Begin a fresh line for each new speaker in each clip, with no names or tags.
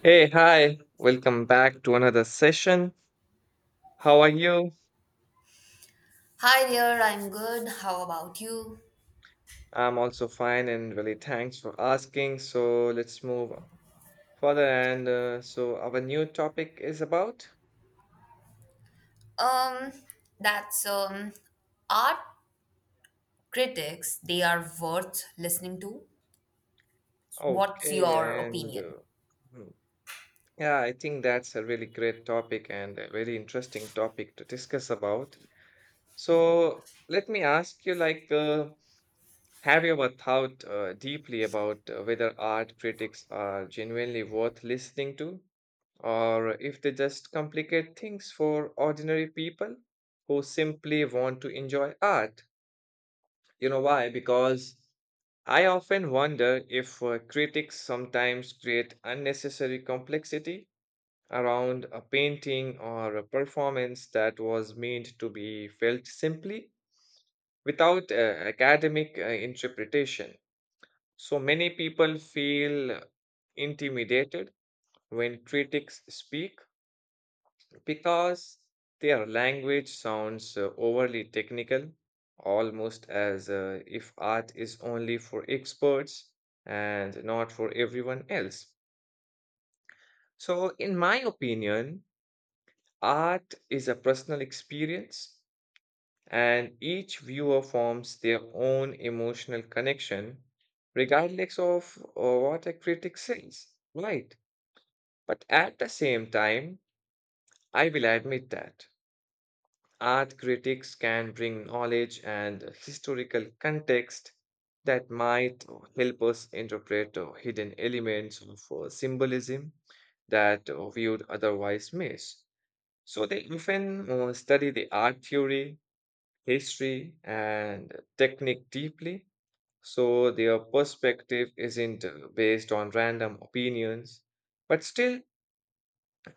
Hey, hi. Welcome back to another session. How are you?
Hi there, I'm good. How about you?
I'm also fine and really thanks for asking. So let's move further. And so our new topic is about?
Um, that's art critics, they are worth listening to. What's
Okay.
your
And uh,
opinion?
hmm, yeah, I think that's a really great topic and a very interesting topic to discuss about. So let me ask you like, have you ever thought deeply about whether art critics are genuinely worth listening to? Or if they just complicate things for ordinary people who simply want to enjoy art. You know why? Because I often wonder if critics sometimes create unnecessary complexity around a painting or a performance that was meant to be felt simply without academic interpretation. So many people feel intimidated when critics speak because their language sounds overly technical, almost as if art is only for experts and not for everyone else. So, in my opinion, art is a personal experience, and each viewer forms their own emotional connection, regardless of what a critic says, right? But at the same time, I will admit that. Art critics can bring knowledge and historical context that might help us interpret hidden elements of symbolism that we would otherwise miss. So they often study the art theory, history, and technique deeply. So their perspective isn't based on random opinions, but still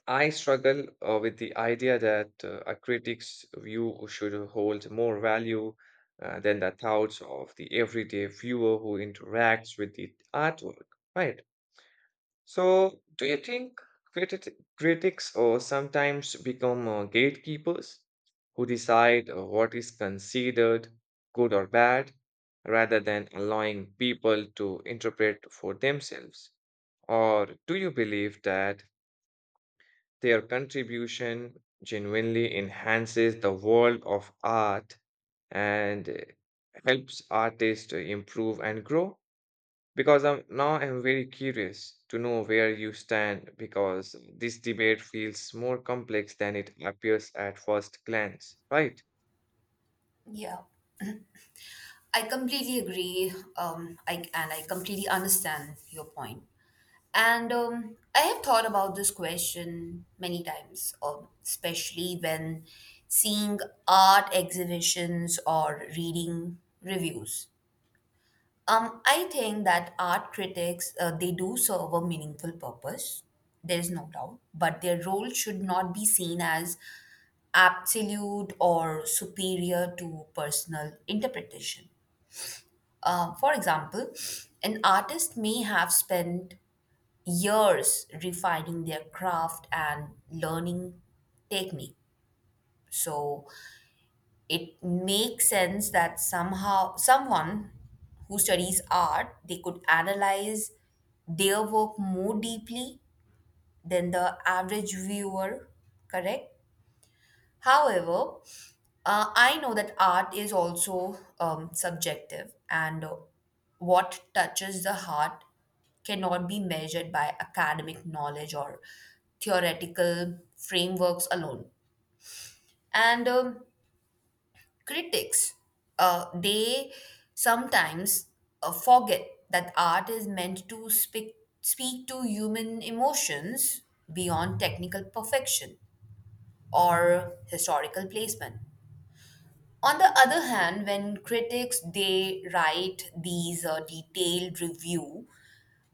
I struggle with the idea that a critic's view should hold more value than the thoughts of the everyday viewer who interacts with the artwork, right? So, do you think critics sometimes become gatekeepers who decide what is considered good or bad rather than allowing people to interpret for themselves? Or do you believe that their contribution genuinely enhances the world of art and helps artists to improve and grow. Because now I'm very curious to know where you stand because this debate feels more complex than it appears at first glance, right?
Yeah, I completely agree. I completely understand your point. And I have thought about this question many times, especially when seeing art exhibitions or reading reviews. I think that art critics they do serve a meaningful purpose. There is no doubt, but their role should not be seen as absolute or superior to personal interpretation. For example, an artist may have spent years refining their craft and learning technique. So it makes sense that somehow someone who studies art, they could analyze their work more deeply than the average viewer. Correct. However, I know that art is also subjective, and what touches the heart cannot be measured by academic knowledge or theoretical frameworks alone. And critics, they sometimes forget that art is meant to speak to human emotions beyond technical perfection or historical placement. On the other hand, when critics they write these detailed review,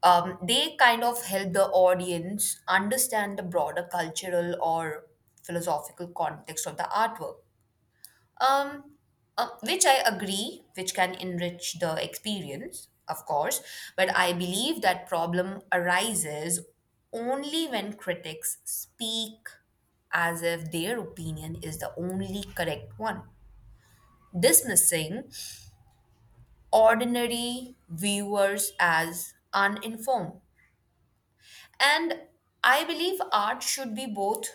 they kind of help the audience understand the broader cultural or philosophical context of the artwork, um, which I agree, which can enrich the experience, of course. But I believe that problem arises only when critics speak as if their opinion is the only correct one, dismissing ordinary viewers as uninformed. And I believe art should be both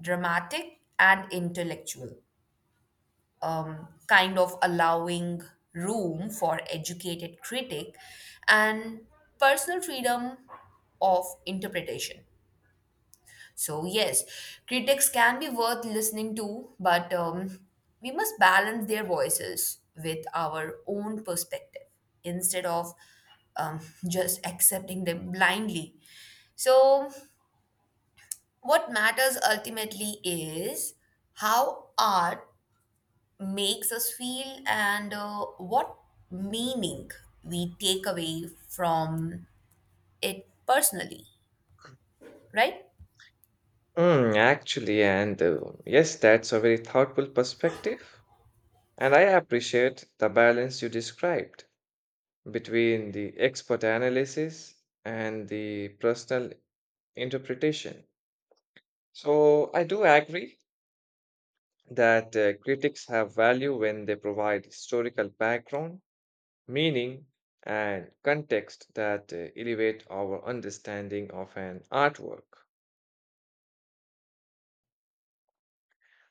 dramatic and intellectual, kind of allowing room for educated critic and personal freedom of interpretation. So, yes, critics can be worth listening to, but we must balance their voices with our own perspective instead of um, just accepting them blindly. So, what matters ultimately is how art makes us feel, and what meaning we take away from it personally, right?
Mm, actually, and yes, that's a very thoughtful perspective, and I appreciate the balance you described between the expert analysis and the personal interpretation. So, I do agree that critics have value when they provide historical background, meaning, and context that elevate our understanding of an artwork.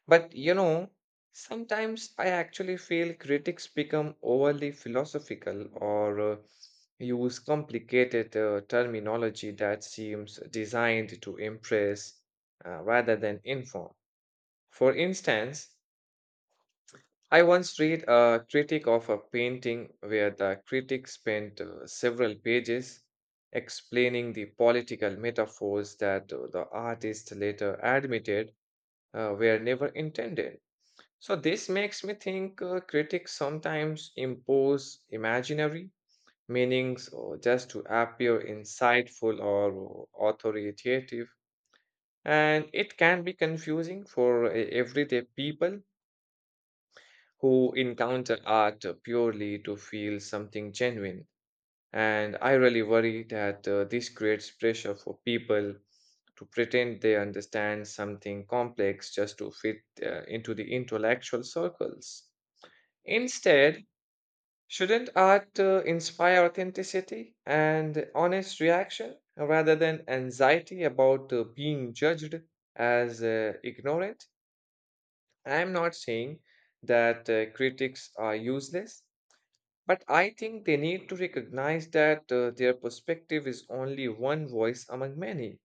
But you know, sometimes I actually feel critics become overly philosophical or use complicated terminology that seems designed to impress rather than inform. For instance, I once read a critic of a painting where the critic spent several pages explaining the political metaphors that the artist later admitted were never intended. So this makes me think critics sometimes impose imaginary meanings or just to appear insightful or authoritative, and it can be confusing for everyday people who encounter art purely to feel something genuine. And I really worry that this creates pressure for people to pretend they understand something complex just to fit into the intellectual circles. Instead, shouldn't art inspire authenticity and honest reaction rather than anxiety about being judged as ignorant? I'm not saying that critics are useless, but I think they need to recognize that their perspective is only one voice among many.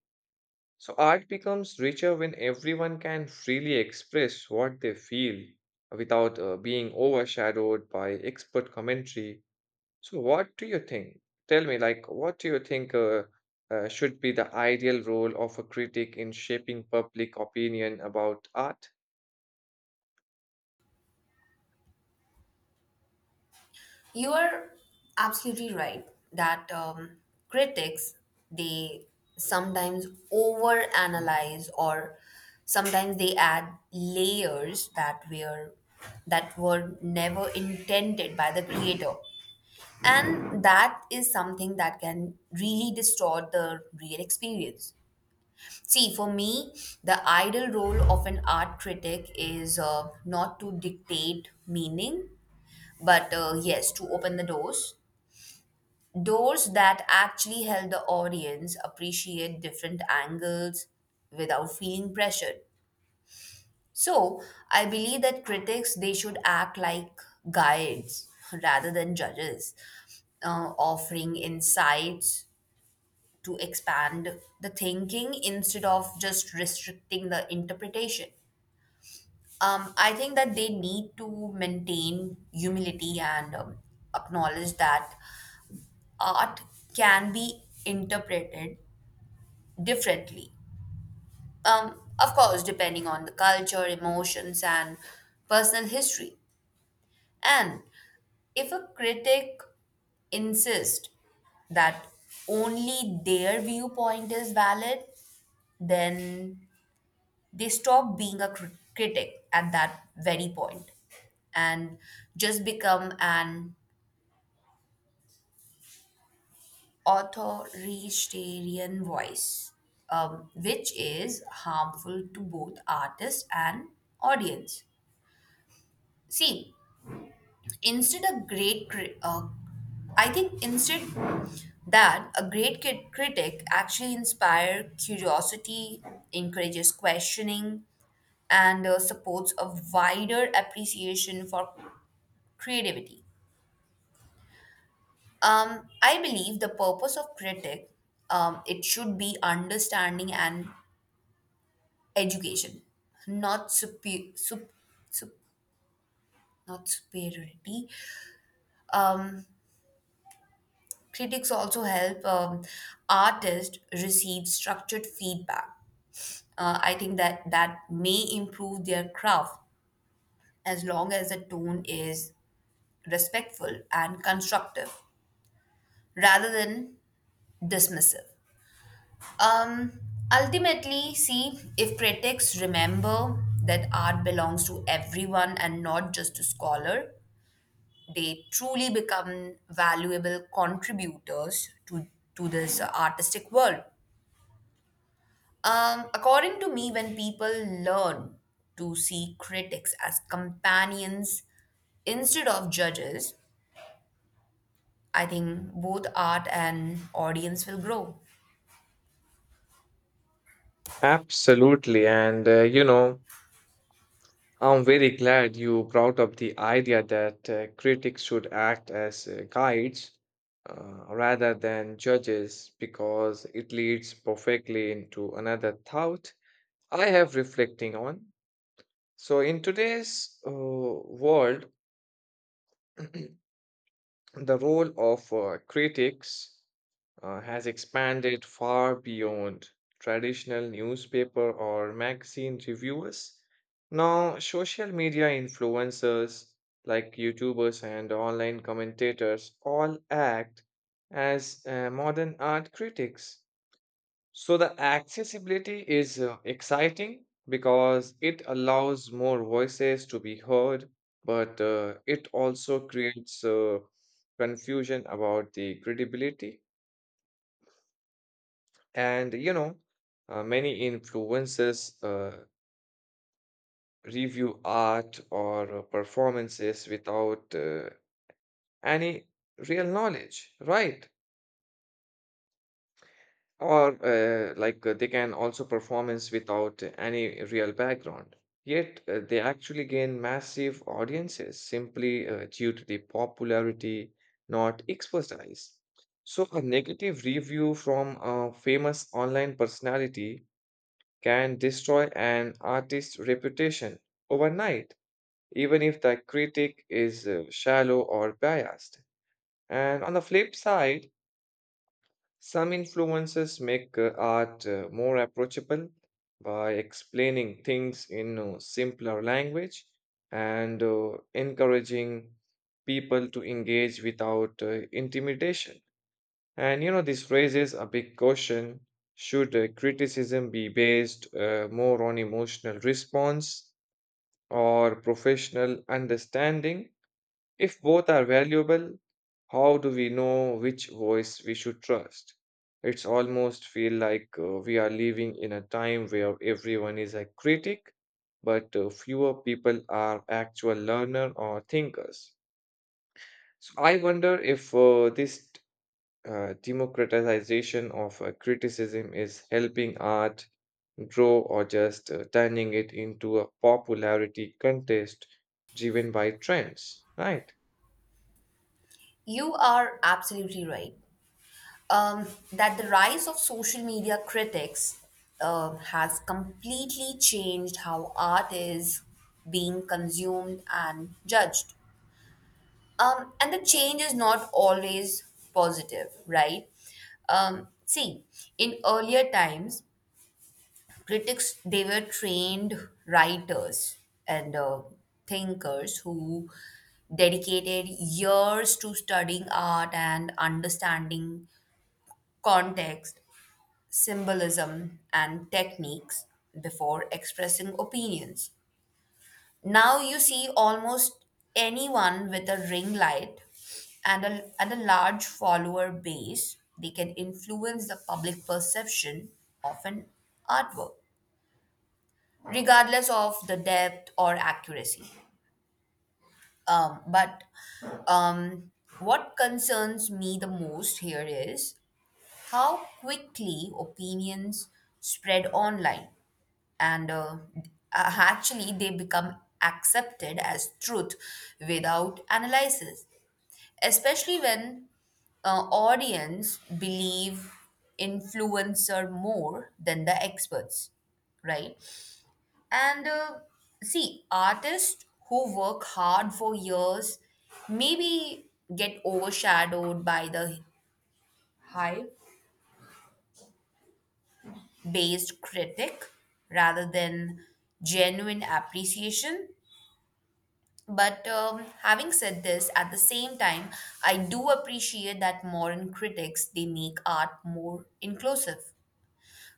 So art becomes richer when everyone can freely express what they feel without being overshadowed by expert commentary. So what do you think? Tell me, like, what do you think should be the ideal role of a critic in shaping public opinion about art?
You are absolutely right that critics they sometimes overanalyze, or sometimes they add layers that were never intended by the creator, and that is something that can really distort the real experience. See, for me, the ideal role of an art critic is not to dictate meaning, but yes, to open the doors. Doors that actually help the audience appreciate different angles without feeling pressured. So, I believe that critics they should act like guides rather than judges, offering insights to expand the thinking instead of just restricting the interpretation. I think that they need to maintain humility, and acknowledge that art can be interpreted differently. Of course, depending on the culture, emotions, and personal history. And if a critic insists that only their viewpoint is valid, then they stop being a critic at that very point and just become an authoritarian voice, which is harmful to both artist and audience. See, instead a great, cri- I think instead that a great critic actually inspire curiosity, encourages questioning, and supports a wider appreciation for creativity. I believe the purpose of critic it should be understanding and education, not sup, not superiority. Um, Critics also help artists receive structured feedback. I think that that may improve their craft as long as the tone is respectful and constructive rather than dismissive. Um, Ultimately, see, if critics remember that art belongs to everyone and not just to scholar, they truly become valuable contributors to this artistic world. According to me, when people learn to see critics as companions instead of judges, I think both art and audience will grow.
Absolutely. And, you know, I'm very glad you brought up the idea that critics should act as guides rather than judges because it leads perfectly into another thought I have reflecting on. So, in today's world, the role of critics has expanded far beyond traditional newspaper or magazine reviewers. Now, social media influencers like YouTubers and online commentators all act as modern art critics. So, the accessibility is exciting because it allows more voices to be heard, but it also creates confusion about the credibility. And you know, many influencers review art or performances without any real knowledge, right? Or they can also performance without any real background. Yet they actually gain massive audiences simply due to the popularity, not expertise. So a negative review from a famous online personality can destroy an artist's reputation overnight, even if the critic is shallow or biased. And on the flip side, some influences make art more approachable by explaining things in simpler language and encouraging people to engage without intimidation. And you know, this raises a big question. Should criticism be based more on emotional response or professional understanding? If both are valuable, how do we know which voice we should trust? It's almost feel like we are living in a time where everyone is a critic, but fewer people are actual learner or thinkers. So I wonder if this democratization of criticism is helping art grow or just turning it into a popularity contest driven by trends, right?
You are absolutely right. That the rise of social media critics has completely changed how art is being consumed and judged. And the change is not always positive, right? See, in earlier times, critics they were trained writers and thinkers who dedicated years to studying art and understanding context, symbolism, and techniques before expressing opinions. Now you see almost anyone with a ring light and a large follower base, they can influence the public perception of an artwork, regardless of the depth or accuracy. But um, what concerns me the most here is how quickly opinions spread online and actually they become accepted as truth without analysis, especially when audience believe influencer more than the experts, right? And see, artists who work hard for years maybe get overshadowed by the hype based critic rather than genuine appreciation. But having said this, at the same time, I do appreciate that modern critics they make art more inclusive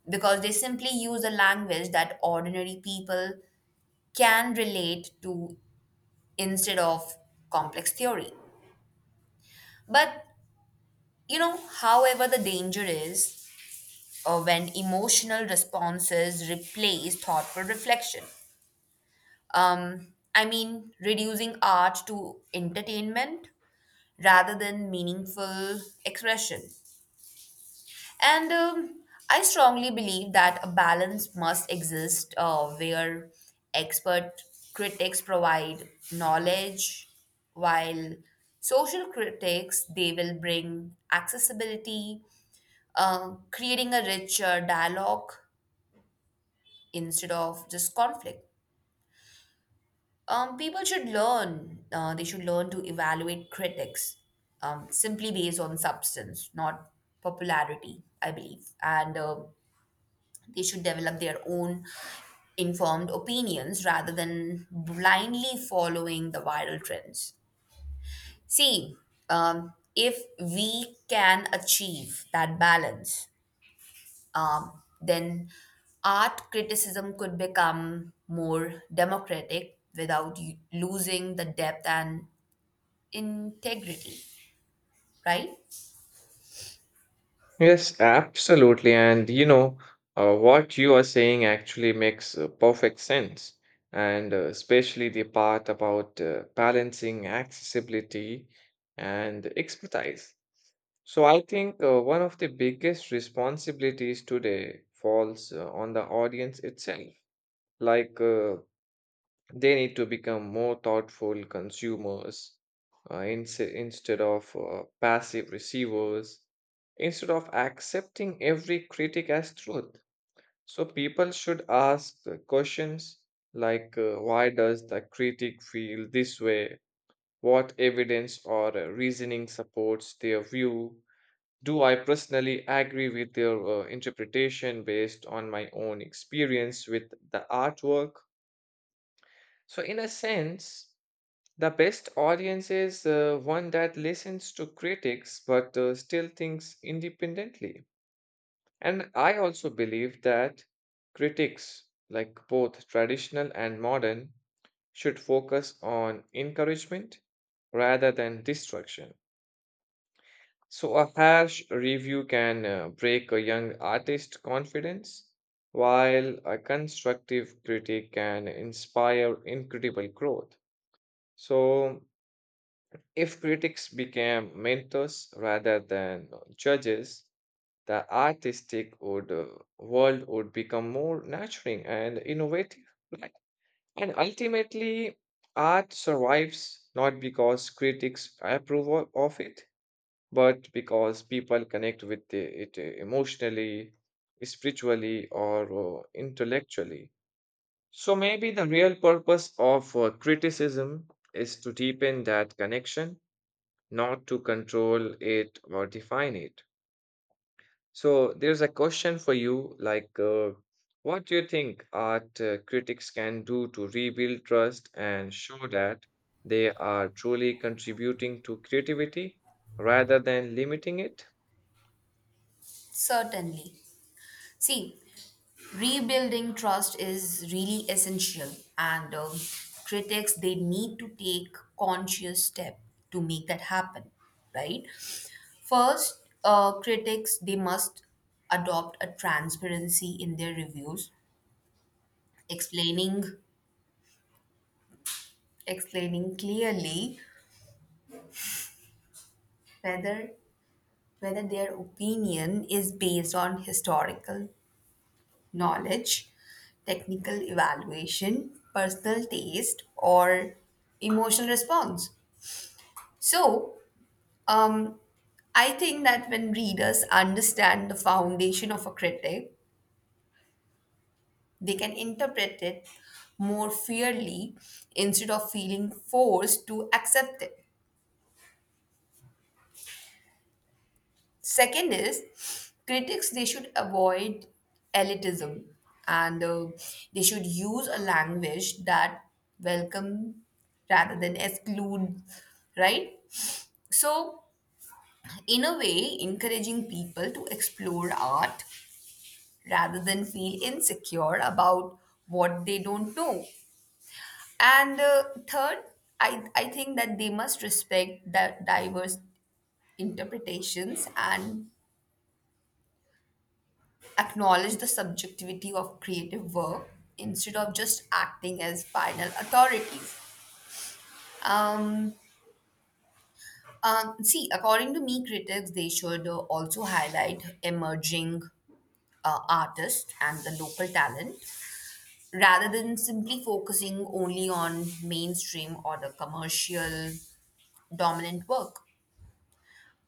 because they simply use a language that ordinary people can relate to instead of complex theory. But you know, however, the danger is when emotional responses replace thoughtful reflection. I mean, reducing art to entertainment rather than meaningful expression. And I strongly believe that a balance must exist where expert critics provide knowledge, while social critics they will bring accessibility, creating a richer dialogue instead of just conflict. People should learn, they should learn to evaluate critics simply based on substance, not popularity, I believe. And they should develop their own informed opinions rather than blindly following the viral trends. See, if we can achieve that balance, then art criticism could become more democratic without losing the depth and integrity, right?
Yes, absolutely. And you know, what you are saying actually makes perfect sense. And especially the part about balancing accessibility and expertise. So I think one of the biggest responsibilities today falls on the audience itself. Like they need to become more thoughtful consumers instead of passive receivers, instead of accepting every critic as truth. So people should ask the questions like why does the critic feel this way? What evidence or reasoning supports their view? Do I personally agree with their interpretation based on my own experience with the artwork? So, in a sense, the best audience is one that listens to critics but still thinks independently. And I also believe that critics, like both traditional and modern, should focus on encouragement rather than destruction. So, a harsh review can break a young artist's confidence, while a constructive critic can inspire incredible growth. So, if critics became mentors rather than judges, the world would become more nurturing and innovative. Like, And ultimately, art survives not because critics approve of it, but because people connect with it emotionally, spiritually, or intellectually. So maybe the real purpose of criticism is to deepen that connection, not to control it or define it. So there's a question for you like, what do you think art critics can do to rebuild trust and show that they are truly contributing to creativity rather than limiting it?
Certainly. See, rebuilding trust is really essential, and critics they need to take conscious step to make that happen, right? First, critics they must adopt a transparency in their reviews, explaining explaining clearly whether whether their opinion is based on historical knowledge, technical evaluation, personal taste, or emotional response. So, um, I think that when readers understand the foundation of a critic, they can interpret it more fairly instead of feeling forced to accept it. Second is critics they should avoid elitism, and they should use a language that welcome rather than exclude, right? So in a way, encouraging people to explore art rather than feel insecure about what they don't know. And third, I think that they must respect that diverse interpretations and acknowledge the subjectivity of creative work instead of just acting as final authorities. Um, See, according to me, critics they should also highlight emerging artists and the local talent rather than simply focusing only on mainstream or the commercial dominant work.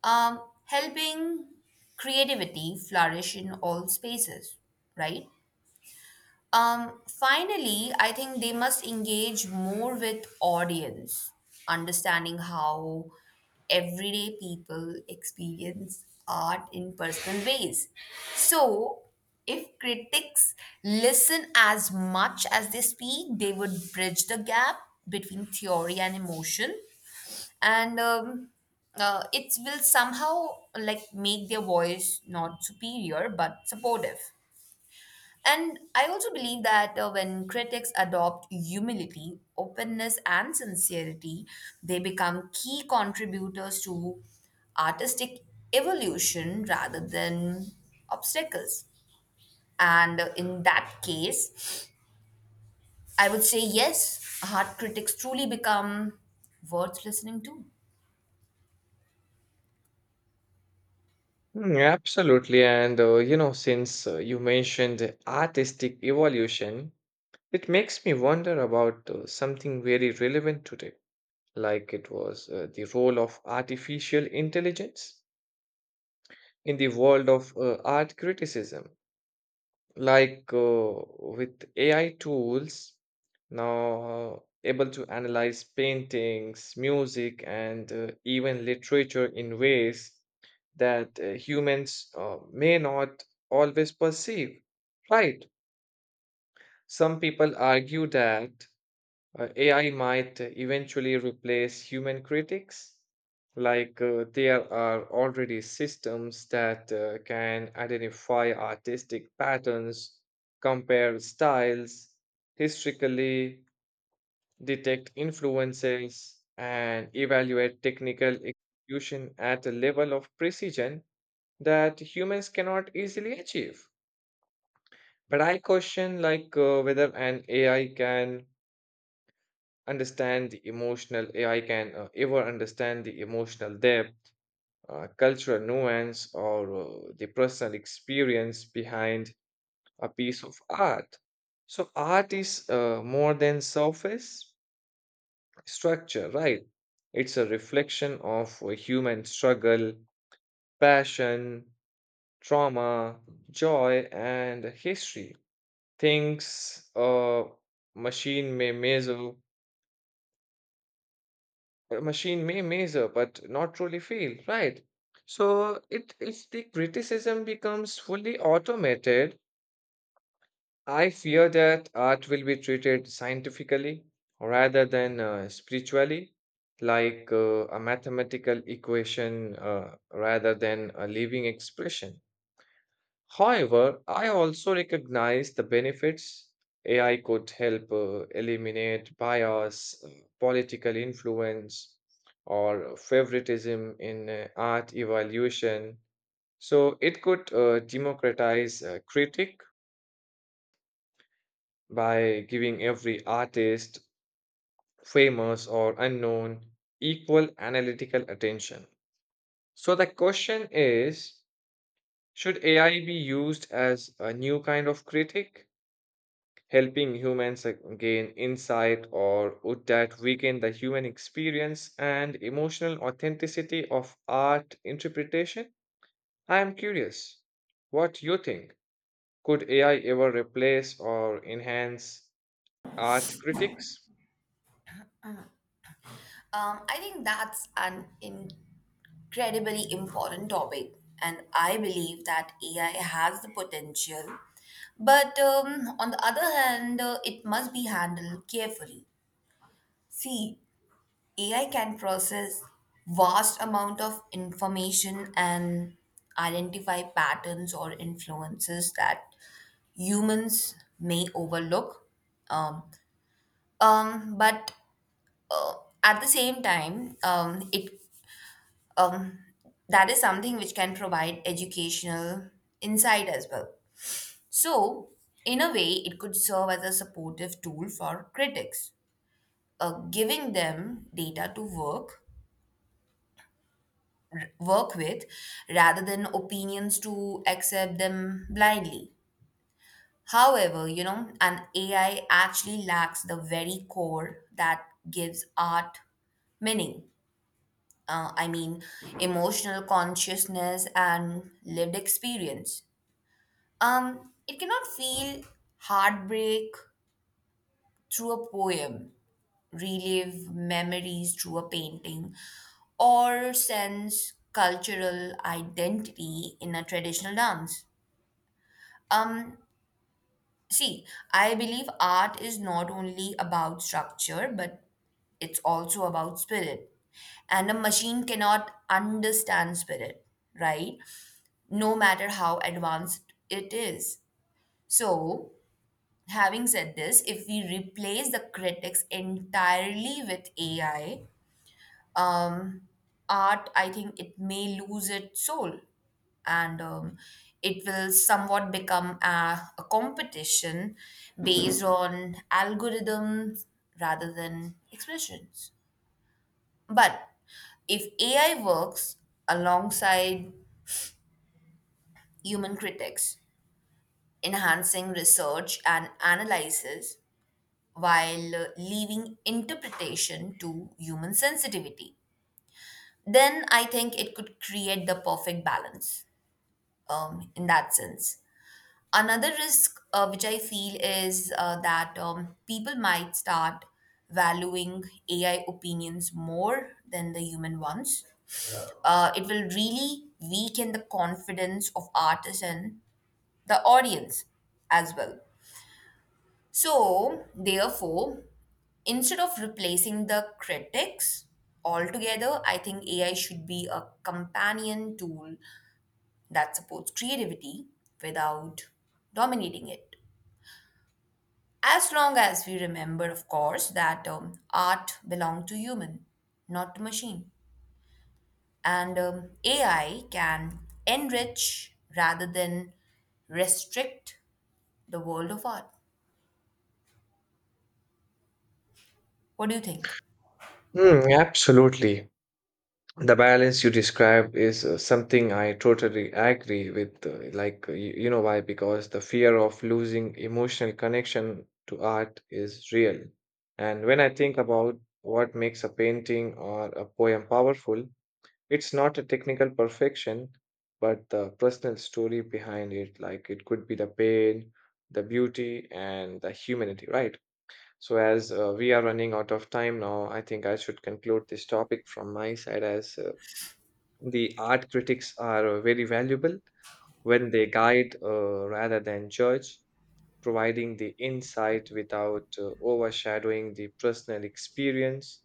Helping creativity flourish in all spaces, right? Finally, I think they must engage more with audience, understanding how everyday people experience art in personal ways. So, if critics listen as much as they speak, they would bridge the gap between theory and emotion, and it will somehow like make their voice not superior but supportive. And I also believe that when critics adopt humility, openness, and sincerity, they become key contributors to artistic evolution rather than obstacles. And in that case, I would say yes, art critics truly become worth listening to.
Absolutely. And, you know, since you mentioned artistic evolution, it makes me wonder about something very relevant today, like it was the role of artificial intelligence in the world of art criticism. Like with AI tools now able to analyze paintings, music, and even literature in ways that humans may not always perceive, right? Some people argue that AI might eventually replace human critics, like there are already systems that can identify artistic patterns, compare styles historically, detect influences, and evaluate technical execution at a level of precision that humans cannot easily achieve. But I question like whether an AI can ever understand the emotional depth, cultural nuance, or the personal experience behind a piece of art. So art is more than surface structure, right? It's a reflection of a human struggle, passion, trauma, joy, and history. Things machine may measure, a machine may measure, but not truly feel, right? So it if the criticism becomes fully automated, I fear that art will be treated scientifically rather than spiritually, like a mathematical equation rather than a living expression. However, I also recognize the benefits. AI could help eliminate bias, political influence, or favoritism in art evaluation. So it could democratize critique by giving every artist, famous or unknown, equal analytical attention. So the question is, should AI be used as a new kind of critic, helping humans gain insight, or would that weaken the human experience and emotional authenticity of art interpretation? I am curious. What you think? Could AI ever replace or enhance art critics?
I think that's an incredibly important topic, and I believe that AI has the potential, but on the other hand it must be handled carefully. See, AI can process vast amount of information and identify patterns or influences that humans may overlook. Um, but uh, at the same time it um, that is something which can provide educational insight as well. So, in a way, it could serve as a supportive tool for critics, giving them data to work with rather than opinions to accept them blindly. However, you know, an AI actually lacks the very core that gives art meaning. I mean, emotional consciousness and lived experience. It cannot feel heartbreak through a poem, relive memories through a painting, or sense cultural identity in a traditional dance. Um, See, I believe art is not only about structure, but it's also about spirit. And a machine cannot understand spirit, right? No matter how advanced it is. So, having said this, if we replace the critics entirely with AI, um, art, I think it may lose its soul, and it will somewhat become a competition based on algorithms rather than expressions. But if AI works alongside human critics, enhancing research and analysis, while leaving interpretation to human sensitivity. Then I think it could create the perfect balance in that sense. Another risk, which I feel, is that people might start valuing AI opinions more than the human ones. It will really weaken the confidence of artists and the audience as well. So, therefore, instead of replacing the critics altogether, I think AI should be a companion tool that supports creativity without dominating it. As long as we remember, of course, that art belongs to human, not to machine. And AI can enrich rather than restrict the world of art. What do you think?
Hmm, absolutely. The balance you describe is something I totally agree with. You know why? Because the fear of losing emotional connection to art is real. And when I think about what makes a painting or a poem powerful, it's not a technical perfection, but the personal story behind it. Like, it could be the pain, the beauty, and the humanity, right? So, as we are running out of time now, I think I should conclude this topic from my side as the art critics are very valuable when they guide rather than judge, providing the insight without overshadowing the personal experience.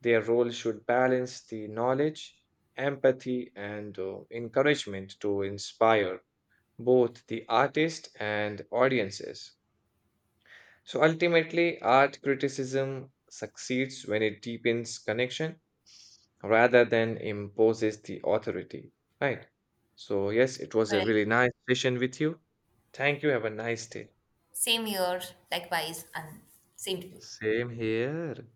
Their role should balance the knowledge, empathy, and encouragement to inspire both the artist and audiences. So ultimately, art criticism succeeds when it deepens connection rather than imposes the authority, right? So, yes, it was a
Correct.
really nice session with you. Thank you. Have a nice day.
Same here, likewise, and same to you.
Same here.